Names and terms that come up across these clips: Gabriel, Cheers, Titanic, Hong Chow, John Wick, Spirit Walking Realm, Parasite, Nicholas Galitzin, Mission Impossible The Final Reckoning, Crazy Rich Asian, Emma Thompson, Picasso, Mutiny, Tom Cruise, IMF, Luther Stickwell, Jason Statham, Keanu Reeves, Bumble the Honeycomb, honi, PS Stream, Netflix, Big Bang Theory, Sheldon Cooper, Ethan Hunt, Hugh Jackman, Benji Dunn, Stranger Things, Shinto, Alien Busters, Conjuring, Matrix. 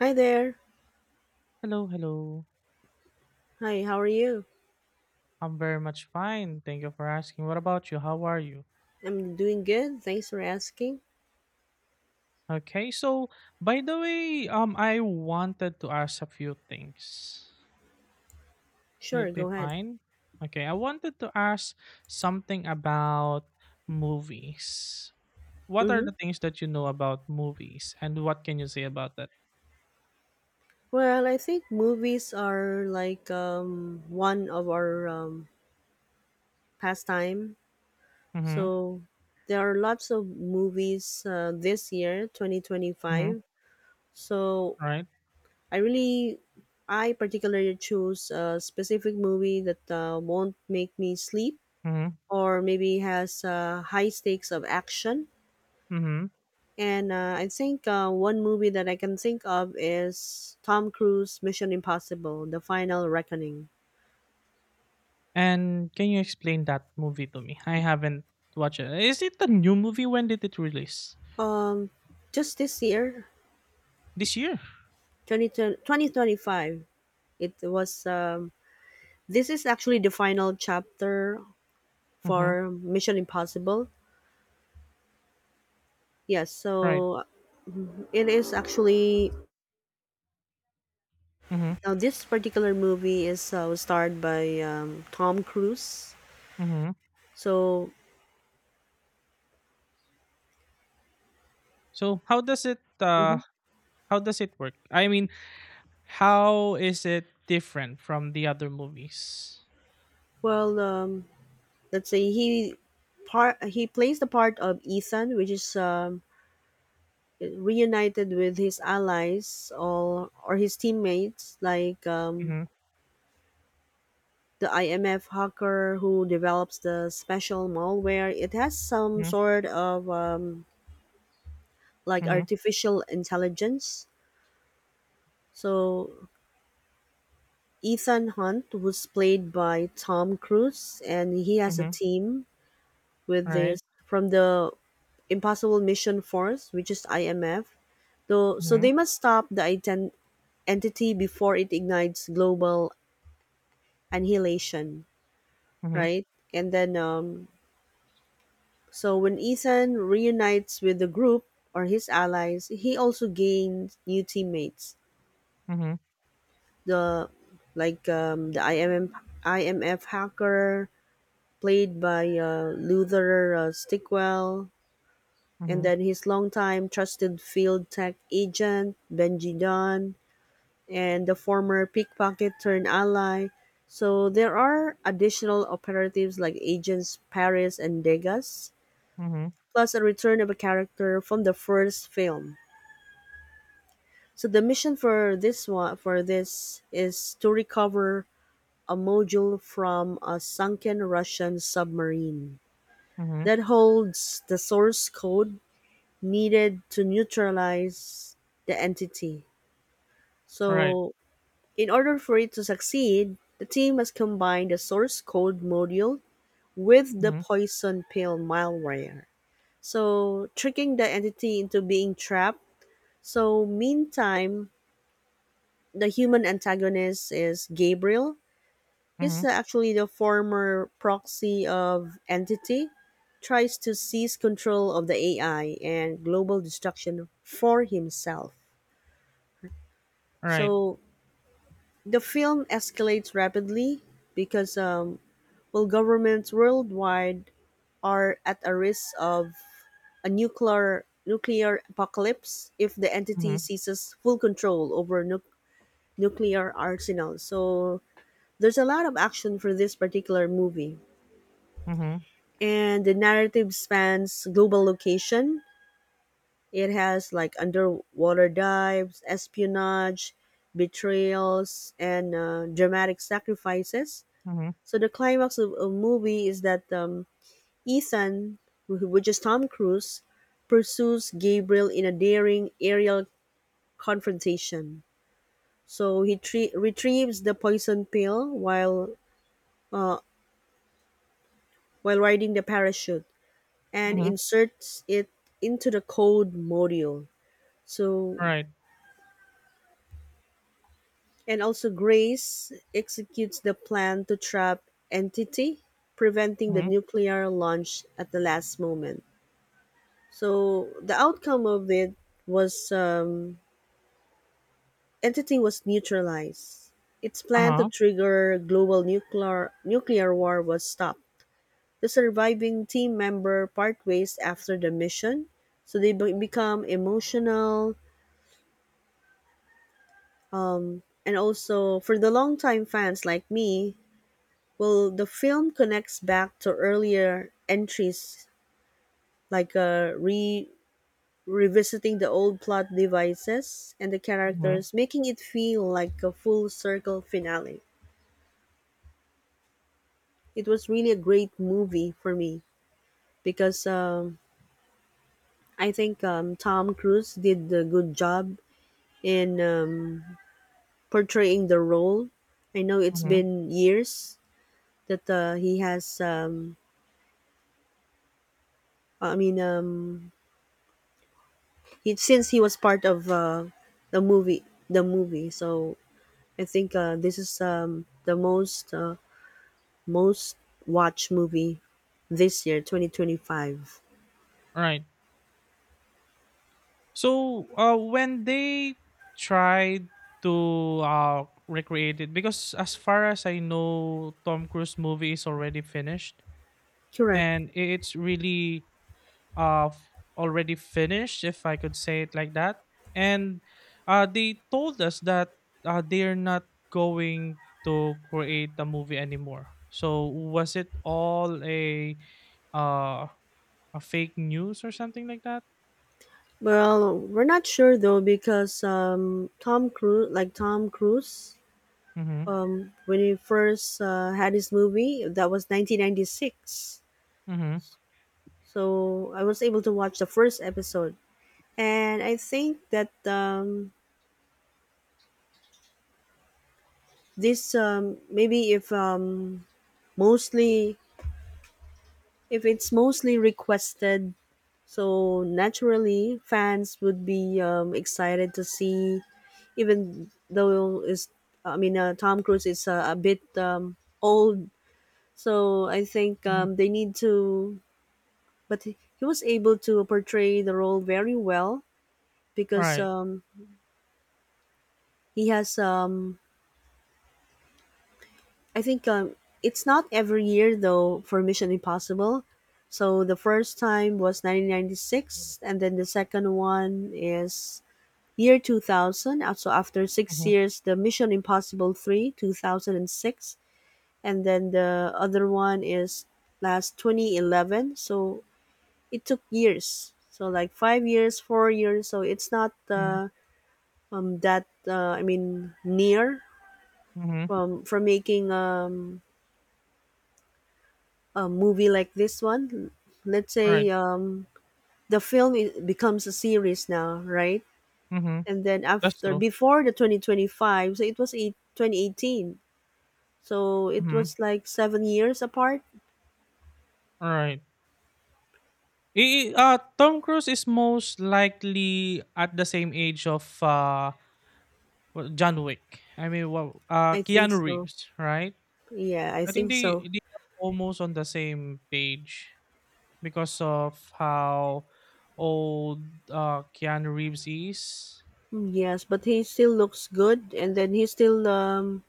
Hi there. Hello, hello. Hi, how are you? I'm very much fine. Thank you for asking. What about you? How are you? I'm doing good. Thanks for asking. Okay, so by the way, I wanted to ask a few things. Will Sure, it be go ahead. fine? Okay, I wanted to ask something about movies. What are Mm-hmm. the things that you know about movies and what can you say about that? Well, I think movies are like one of our pastime. Mm-hmm. So there are lots of movies this year, Mm-hmm. 2025. So Right. I really, I particularly choose a specific movie that won't make me sleep Mm-hmm. or maybe has high stakes of action. Mm-hmm. And I think one movie that I can think of is Tom Cruise Mission Impossible The Final Reckoning. And can you explain that movie to me? I haven't watched it. Is it a new movie? When did it release? Um, just this year, This year. 2025, it was. This is actually the final chapter Mhm. for Mission Impossible. Yes, Right. so it is actually. Mhm. Now, this particular movie is was starred by Tom Cruise. Mhm. So, So how does it uh mhm. how does it work? I mean, how is it different from the other movies? Well, let's say he plays the part of Ethan, which is reunited with his allies or his teammates, like Mhm. the IMF hacker who develops the special malware. It has some Mhm. sort of like Mhm. artificial intelligence. So Ethan Hunt was played by Tom Cruise, and he has a Mhm. team with this Right. from the Impossible Mission Force, which is IMF. So Mhm. they must stop the entity before it ignites global annihilation, Mhm. right? And then, so when Ethan reunites with the group or his allies, he also gains new teammates. Mhm. The, like the IMM, IMF hacker played by Luther Stickwell, and Mhm. then his longtime trusted field tech agent Benji Dunn, and the former pickpocket turned ally. So there are additional operatives like agents Paris and Degas, Mhm. plus a return of a character from the first film. So the mission for this one for this is to recover a module from a sunken Russian submarine Mhm. that holds the source code needed to neutralize the entity. Right. So in order for it to succeed, the team must combine the source code module with the Mhm. poison pill malware. So, tricking the entity into being trapped. So, meantime, the human antagonist is Gabriel. He's Mhm. actually the former proxy of Entity, tries to seize control of the AI and global destruction for himself. Right. So the film escalates rapidly because while governments worldwide are at a risk of a nuclear apocalypse if the entity Mhm. seizes full control over nuclear arsenal. So there's a lot of action for this particular movie, Mhm. and the narrative spans global location. It has like underwater dives, espionage, betrayals, and dramatic sacrifices. Mhm. So the climax of a movie is that Ethan, which is Tom Cruise, pursues Gabriel in a daring aerial confrontation. So he retrieves the poison pill while uh, while riding the parachute and Mhm. inserts it into the code module. So Right. and also Grace executes the plan to trap Entity, preventing the Mhm. nuclear launch at the last moment. So the outcome of it was entity was neutralized. Its plan to Uh-huh. trigger global nuclear war was stopped. The surviving team member part ways after the mission, so they become emotional. And also, for the longtime fans like me, well, the film connects back to earlier entries, like re revisiting the old plot devices and the Mhm. characters, making it feel like a full circle finale. It was really a great movie for me because I think Tom Cruise did a good job in portraying the role. I know it's Mhm. been years that he has. I mean, he since he was part of the movie, the movie. So I think this is the most watched movie this year, 2025. Right. So when they tried to recreate it, because as far as I know, Tom Cruise movie is already finished, Correct. and it's really uh, f- already finished, if I could say it like that. And they told us that they're not going to create the movie anymore. So was it all uh, a fake news or something like that? Well, we're not sure though because Tom Cruise, Mm-hmm. When he first had his movie, that was 1996. Mm-hmm. So I was able to watch the first episode, and I think that this maybe if mostly if it's mostly requested. So naturally, fans would be excited to see, even though is I mean Tom Cruise is a bit old. So I think Mm-hmm. They need to, but he was able to portray the role very well because Right. He has. I think it's not every year though for Mission Impossible. So the first time was 1996, and then the second one is Year 2000. Also, after six Mm-hmm. years, the Mission Impossible 3, 2006, and six, and then the other one is last 2011. So it took years. So like 5 years, 4 years. So it's not Mhm, that, I mean, near mhm, from making a movie like this one. Let's right, say the film I becomes a series now, right? mhm, And then that's after, true, before the 2025, so it was eight 2018. So it mhm, was like 7 years apart. right. Tom Cruise is most likely at the same age of, w John Wick. I mean, wow, I think Keanu so. Reeves, right? Yeah, I I think think they so. they are almost on the same page because of how old, Keanu Reeves is. Mm, yes, but he still looks good, and then he's still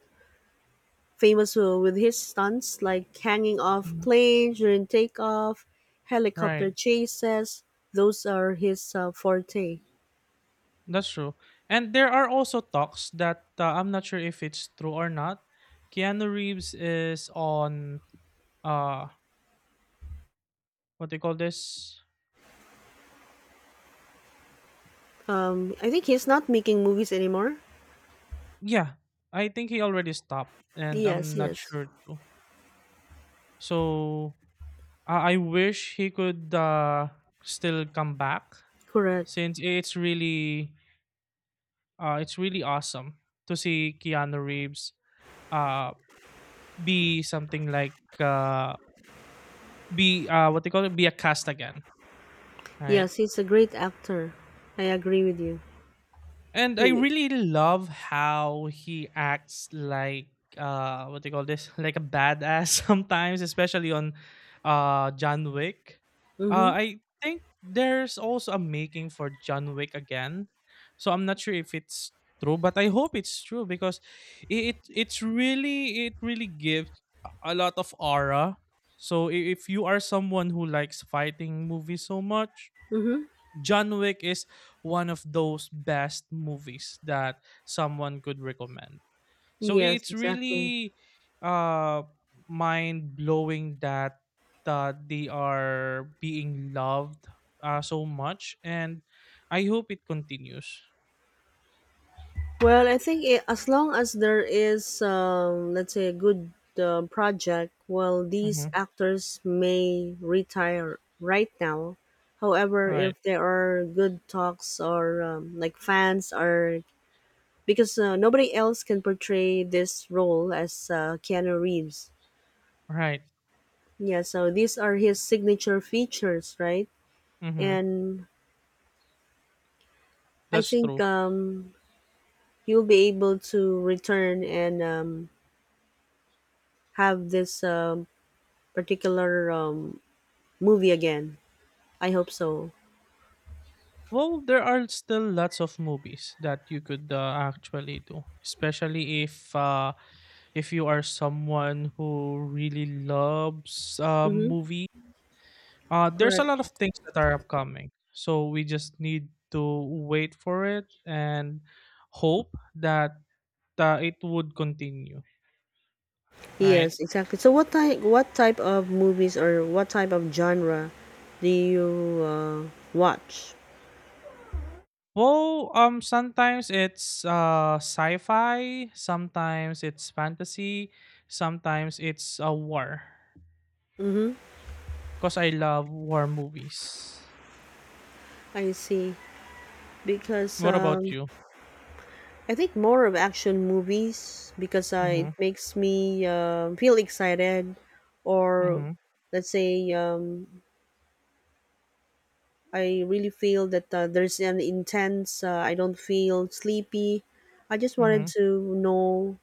famous with his stunts like hanging off Mhm. planes during takeoff, helicopter Right. chases. Those are his forte. That's true. And there are also talks that I'm not sure if it's true or not. Keanu Reeves is on uh what they call this? I think he's not making movies anymore. Yeah, I think he already stopped and Yes, I'm not yes, sure too. So I wish he could still come back correct. since it's really awesome to see Keanu Reeves uh be something like be what they call it be a cast again, right? Yes, he's a great actor. I agree with you. And I really love how he acts like what do you call this? Like a badass sometimes, especially on John Wick. Uh Mm-hmm. I think there's also a making for John Wick again. So I'm not sure if it's true, but I hope it's true because it really gives a lot of aura. So if you are someone who likes fighting movies so much, Mm-hmm. John Wick is one of those best movies that someone could recommend. So Yes, it's exactly. really uh mind blowing that they are being loved so much and I hope it continues. Well, I think I as long as there is, let's say, a good project, well, these Mhm. actors may retire right now. However, if Right. there are good talks or like fans are, because nobody else can portray this role as Keanu Reeves. Right. Yeah, so these are his signature features, right? Mhm. And I That's think true. He'll be able to return and have this particular movie again. I hope so. Well, there are still lots of movies that you could actually do, especially if you are someone who really loves Mm-hmm. movie, there's a Correct. lot of things that are upcoming. So we just need to wait for it and hope that it would continue, right? Yes, exactly. So what type of movies or what type of genre do you uh, watch? Well, sometimes it's sci-fi, sometimes it's fantasy, sometimes it's a war. Mm-hmm. Cause I love war movies. I see. Because What about you? I think more of action movies because it Mm-hmm. makes me feel excited or Mm-hmm. let's say I really feel that there's an intense. I don't feel sleepy. I just wanted Mm-hmm. to know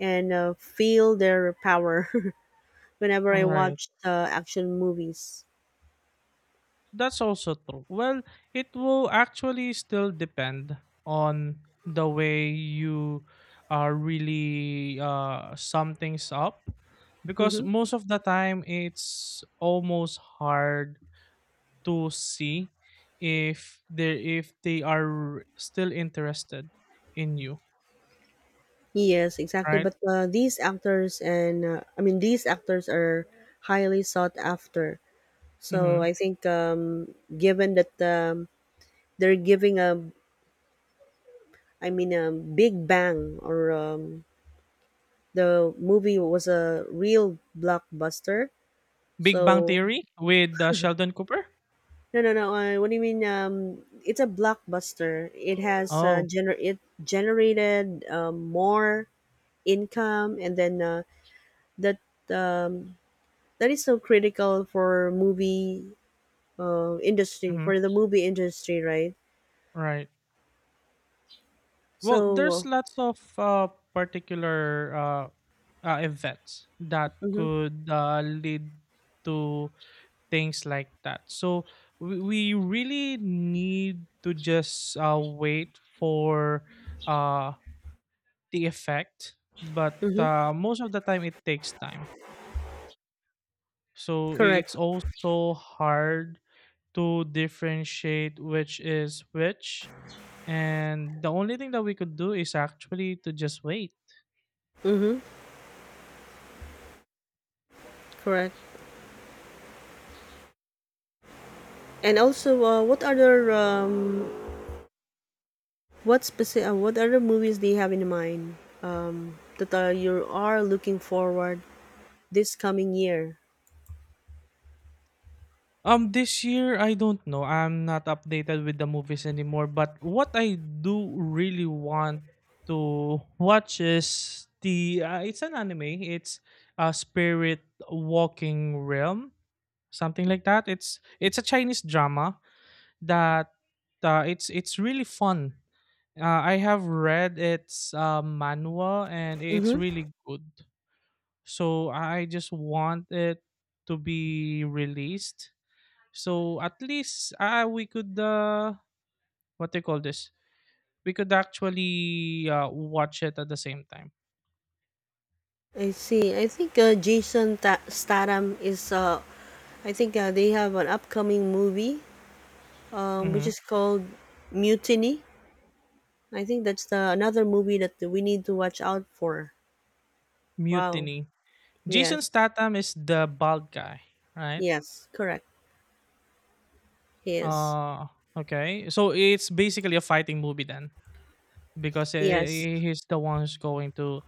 and feel their power whenever I Right. watched action movies. That's also true. Well, it will actually still depend on the way you are really sum things up because Hmm. most of the time it's almost hard to see if they if they are still interested in you, Yes, exactly. right? But these actors and I mean these actors are highly sought after. So Mm-hmm. I think given that they're giving a I mean a big bang or the movie was a real blockbuster. Big Bang So Theory with Sheldon Cooper. no, no, no. What do you mean? It's a blockbuster. It has Oh, generated more income, and then that um, that is so critical for movie industry mm-hmm. for the movie industry, right? Right. Well, there's So. lots of particular events that Mm-hmm, could lead to things like that. So we really need to just wait for uh, the effect, but mm-hmm, most of the time it takes time. So correct. it's also hard to differentiate which is which. And the only thing that we could do is actually to just wait. Mm-hmm, correct. And also, what other what other movies do you have in mind that you are looking forward this coming year? This year I don't know. I'm not updated with the movies anymore. But what I do really want to watch is the it's an anime. It's a Spirit Walking Realm, something like that. It's a Chinese drama that it's really fun. I have read its manual and it's Mm-hmm. really good. So I just want it to be released so at least we could what they call this? We could actually watch it at the same time. I see. I think Jason Statham is. I think they have an upcoming movie, which Hmm. is called Mutiny. I think that's the another movie that we need to watch out for. Wow. Mutiny. Jason Yes. Statham is the bald guy, right? Yes. Correct. Yes. Uh okay. So it's basically a fighting movie then because Yes. He's the one who's going to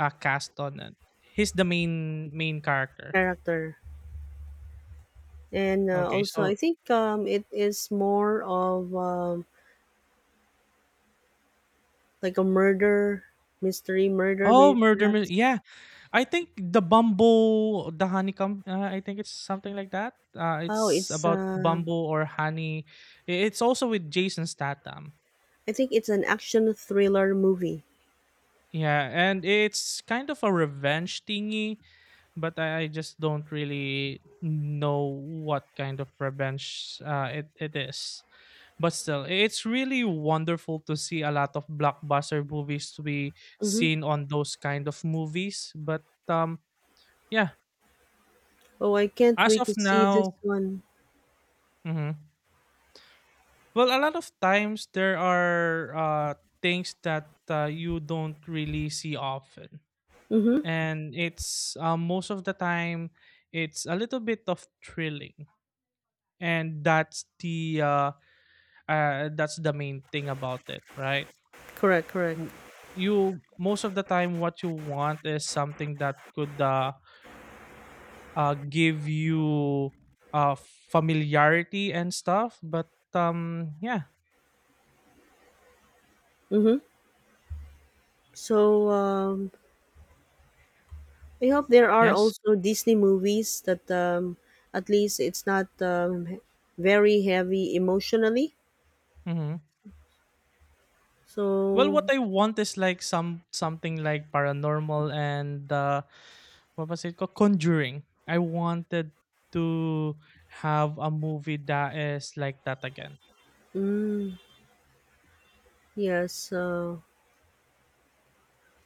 cast on it. He's the main character. Character. And Okay, also, I so. think it is more of like a murder mystery, murder Oh, maybe Murder perhaps. Mys yeah. I think the Honeycomb, I think it's something like that. Oh, It's it's. about Bumble or honey. I It's also with Jason Statham. I think it's an action thriller movie. Yeah, and it's kind of a revenge thingy, but I just don't really know what kind of revenge it is. But still, it's really wonderful to see a lot of blockbuster movies to be Mm-hmm. seen on those kind of movies. But um, yeah. Oh, I can't As wait to of see this now. one. Mhm. Well, a lot of times there are, things that, you don't really see often, Mm-hmm. and it's, most of the time, it's a little bit of thrilling, and that's the main thing about it, right? Correct, correct. W You most of the time, what you want is something that could, give you, uh, familiarity and stuff, but, yeah. Mm-hmm. So I hope there are Yes. also Disney movies that at least it's not very heavy emotionally. Mhm. Well, So what I want is like something like paranormal and what was it called? Conjuring. I wanted to have a movie that is like that again. mm, yes,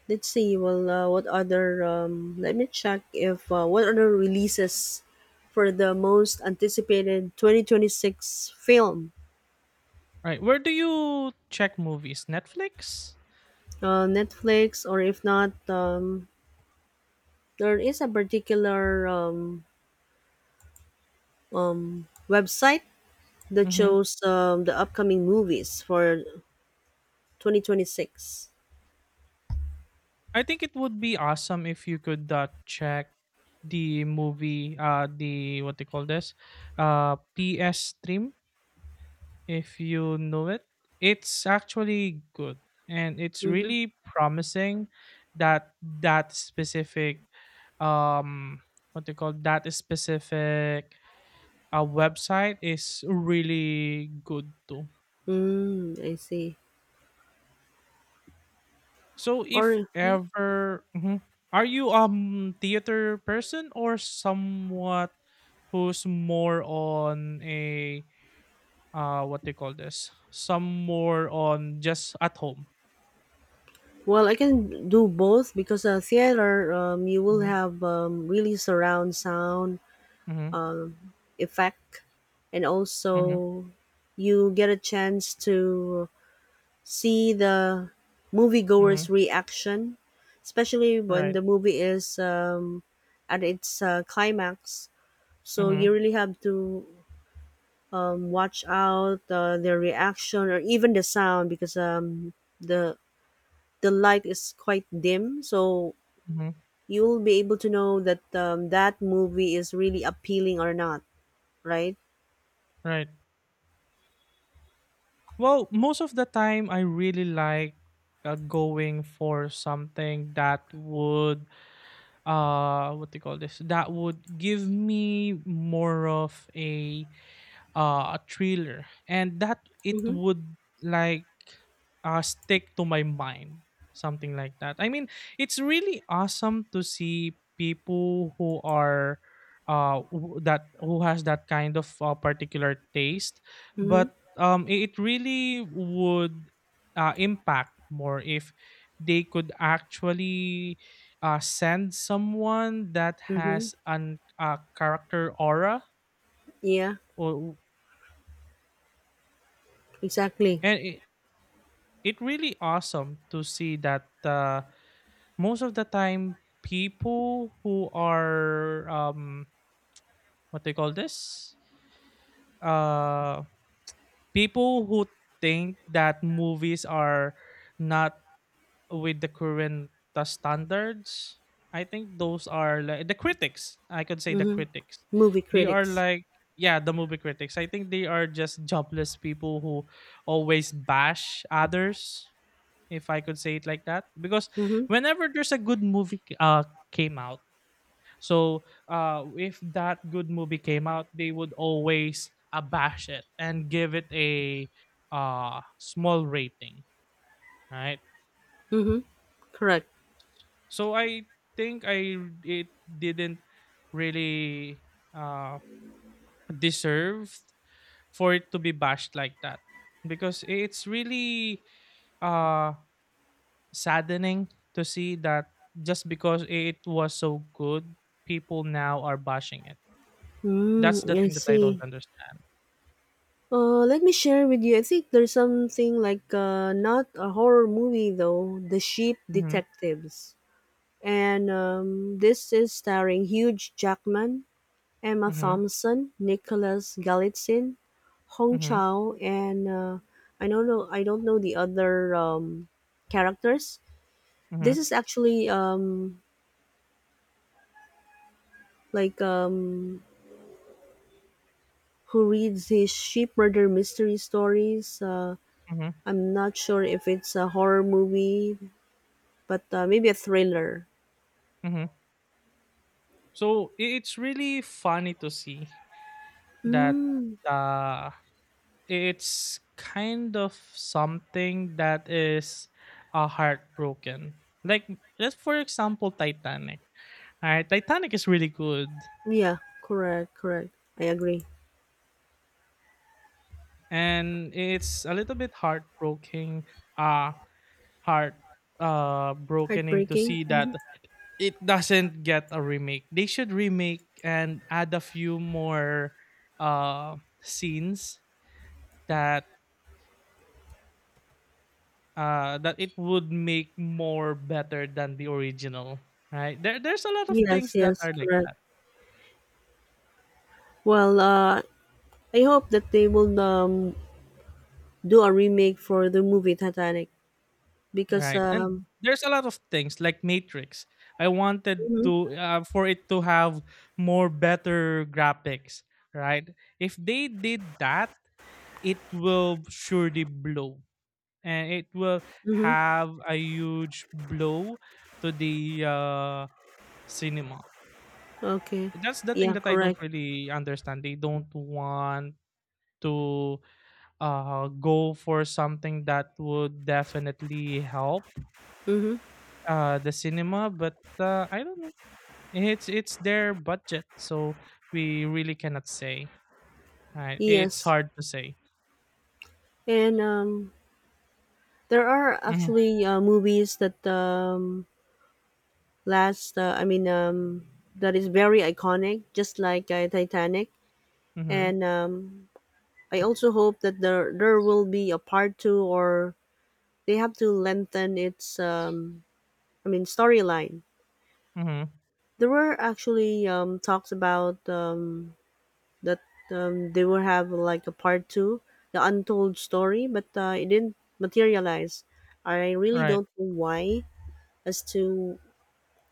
let's see. Well, what other? Let me check if what other releases for the most anticipated 2026 film. Right. Where do you check movies? Netflix? Netflix, or if not, there is a particular website that Mm-hmm. shows the upcoming movies for 2026. I think it would be awesome if you could check the movie, the what they call this, PS stream if you know it. It's actually good and it's Mm-hmm. really promising that that specific um what they call that specific website is really good too. Mm, I see. So if Or, ever. Mhm. Are you theater person or somewhat who's more on a what they call this some more on just at home? well, I can do both because theater, you will Mm-hmm. have really surround sound Mm-hmm. effect, and Mm-hmm. also you get a chance to see the Mm-hmm. moviegoers' reaction, especially when Right. the movie is at its climax. So you Mhm. really have to watch out their reaction or even the sound because the the light is quite dim. So Mhm. you'll be able to know that that movie is really appealing or not, right? Right. Well, most of the time I really like going for something that would what do you call this? That would give me more of a thriller and that it Mm-hmm. would like stick to my mind something like that. I mean, it's really awesome to see people who are who- that who has that kind of particular taste, Mm-hmm. but it really would impact more if they could actually send someone that Mm-hmm. has an a character aura Yeah, or exactly. and it really awesome to see that most of the time people who are what they call this uh people who think that movies are not with the current standards. I think those are like the critics. I could say the Mm-hmm. critics, Movie they are critics. like, yeah, the movie critics. I think they are just jobless people who always bash others, if I could say it like that. Because Mm-hmm. whenever there's a good movie came out, so if that good movie came out, they would always abash it and give it a small rating, right? Mm-hmm. Correct. So I think I it didn't really uh deserved for it to be bashed like that because it's really uh, saddening to see that just because it was so good, people now are bashing it. That's the Mm, I thing that I see. don't understand. Let me share with you. I think there's something like not a horror movie though, The Sheep Mhm, Detectives, and this is starring Hugh Jackman, Emma mhm, Thompson, Nicholas Galitzin, Hong mhm, Chow, and I don't know. I don't know the other characters. mhm, This is actually like who reads his sheep murder mystery stories. Mhm, I'm not sure if it's a horror movie, but maybe a thriller. mhm. So it's really funny to see that Mm, uh, it's kind of something that is heartbroken. Like, let's for example, Titanic. All right, Titanic is really good, yeah, correct, correct. I agree. and it's a little bit heartbroken. Uh, heart Brokening to Heartbreaking. see Hmm. that it doesn't get a remake. They should remake and add a few more uh scenes that that it would make more better than the original. Right? There's a lot of Yes, things that yes, are like correct. that. Well, I hope that they will do a remake for the movie Titanic because. Right. And there's a lot of things like Matrix. I wanted Hmm. to for it to have more better graphics, right? If they did that, it will surely blow and it will Hmm. have a huge blow to the cinema. Okay. That's the thing Yeah, that I don't correct. really understand. They don't want to go for something that would definitely help Mm-hmm. The cinema, but I don't know. It's their budget, so we really cannot say. Right? It's Yes, hard to say. and there are Mm-hmm. actually movies that last I mean that is very iconic just like Titanic, Mm-hmm. and I also hope that there will be a part two, or they have to lengthen its I mean storyline. Mm-hmm. There were actually talks about that they will have like a part two, the untold story, but it didn't materialize. I really Right. don't know why as to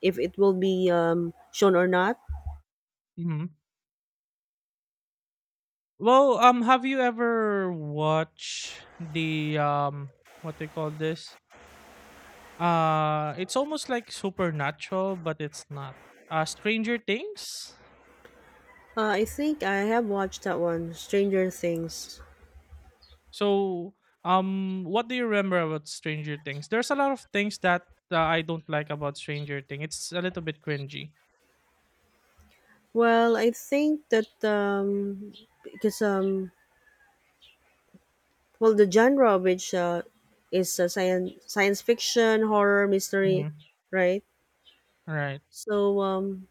if it will be shown or not. Mm-hmm. Well, have you ever watched the what they call this? It's almost like supernatural, but it's not. Stranger Things. I think I have watched that one, Stranger Things. So, what do you remember about Stranger Things? There's a lot of things that I don't like about Stranger Things. It's a little bit cringy. Well, I think that because well, the genre of which is science fiction, horror, mystery, Mm-hmm. right? Right. So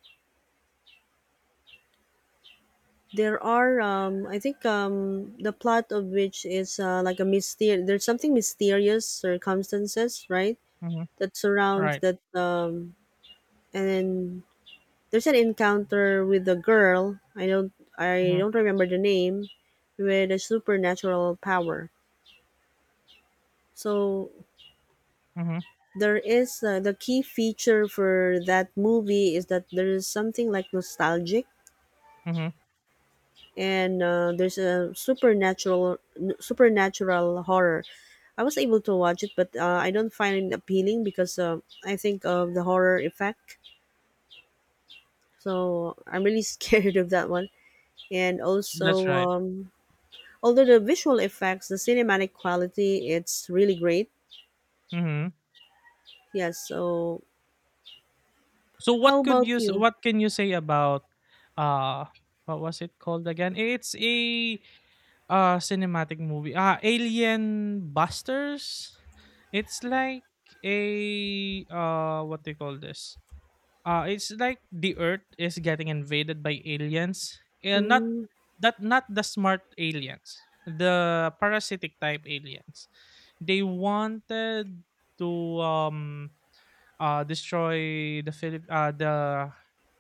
there are I think the plot of which is like a mystery. There's something mysterious circumstances, right, Mm-hmm. that surrounds Right. that and then there's an encounter with a girl. I Mm-hmm. don't remember the name, with a supernatural power. So Mm-hmm. there is the key feature for that movie is that there is something like nostalgic, Mm-hmm. and there's a supernatural horror. I was able to watch it, but I don't find it appealing because I think of the horror effect, so I'm really scared of that one. And That's also right. Although the visual effects, the cinematic quality, it's really great. Mm-hmm. Yes. So, So how what could about you you? what can you say about uh what was it called again? It's a cinematic movie. Alien Busters. It's like a what they call this? It's like the earth is getting invaded by aliens. And not Mm. that not the smart aliens. The parasitic type aliens. They wanted to um destroy the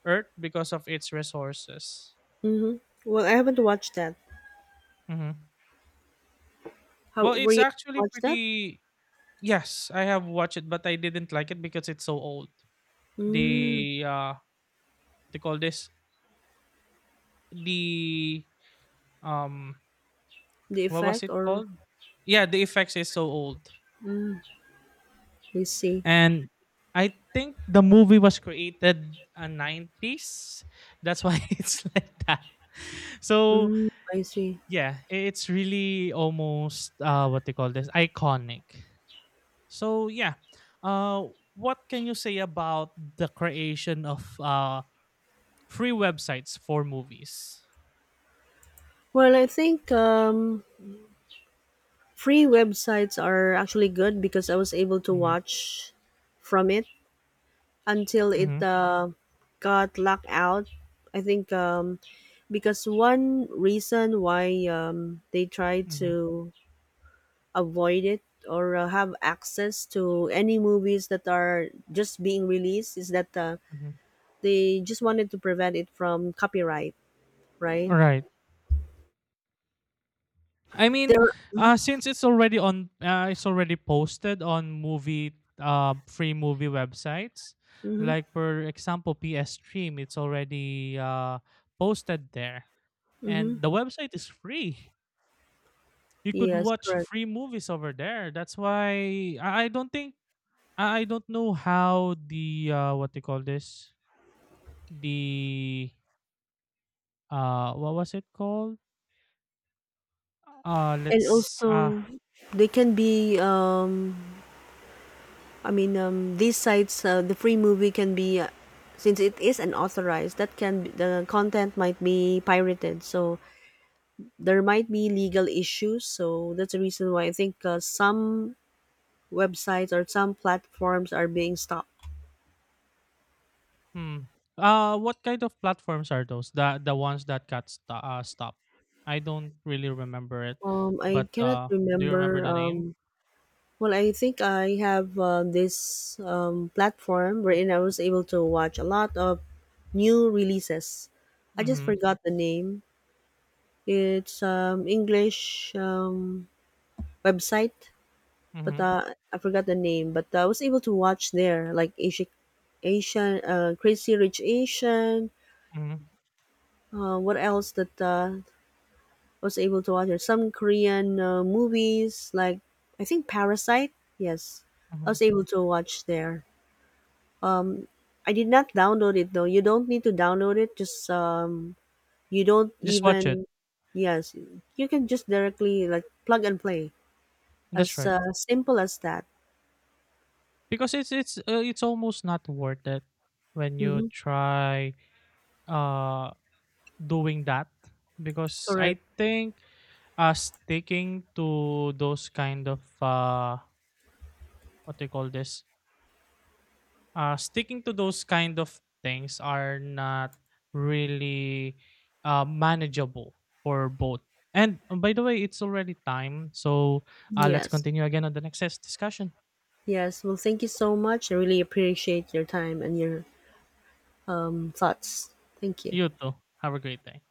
Earth because of its resources. Mm-hmm. Well, I haven't watched that. Hmm. How Well, were it's you able to actually watch that? pretty. Yes, I have watched it, but I didn't like it because it's so old. Mm, The they call this the um, the what was effect, it or called? Yeah, the effects is so old, I see. and I think the movie was created a nineties. That's why it's like that. So Mm, I see. yeah, it's really almost what they call this iconic. So yeah, uh, what can you say about the creation of free websites for movies? Well, I think free websites are actually good because I was able to Mm-hmm, watch from it, until mm-hmm, it got locked out. I think because one reason why they try mm-hmm, to avoid it or have access to any movies that are just being released is that mm-hmm. they just wanted to prevent it from copyright, right? All right. I mean, There. Since it's already it's already posted on free movie websites. Mm-hmm, Like for example, PS Stream, it's already posted there, and mm-hmm. the website is free. You could Yes, watch correct. free movies over there. That's why I don't think I don't know how the what they call this the what was it called And let's also, they can be I mean, these sites, the free movie can be, since it is unauthorized, that can be, the content might be pirated. So there might be legal issues. So that's the reason why I think some websites or some platforms are being stopped. hmm what kind of platforms are those, the ones that got stopped. I don't really remember it, I but cannot do you remember remember. the name? Well, I think I have this platform wherein I was able to watch a lot of new releases. I just Mm-hmm. forgot the name. It's English. Website, but Mm-hmm. I forgot the name. But I was able to watch there, like Asian, Crazy Rich Asian. Mm-hmm, What else that was able to watch? There? Some Korean movies, like I think Parasite. Yes, I mm-hmm. was able to watch there. Um, I did not download it though. You don't need to download it. Just you don't Just watch it. even, yes, you can just directly like plug and play. That's As right, simple as that. because it's almost not worth it when you Mm-hmm. try uh doing that because I Correct. think sticking to those kind of what do you call this sticking to those kind of things are not really manageable for both. And by the way, it's already time, so let's Yes. continue again on the next discussion. Yes, well, thank you so much. I really appreciate your time and your thoughts. Thank you. You too. Have a great day.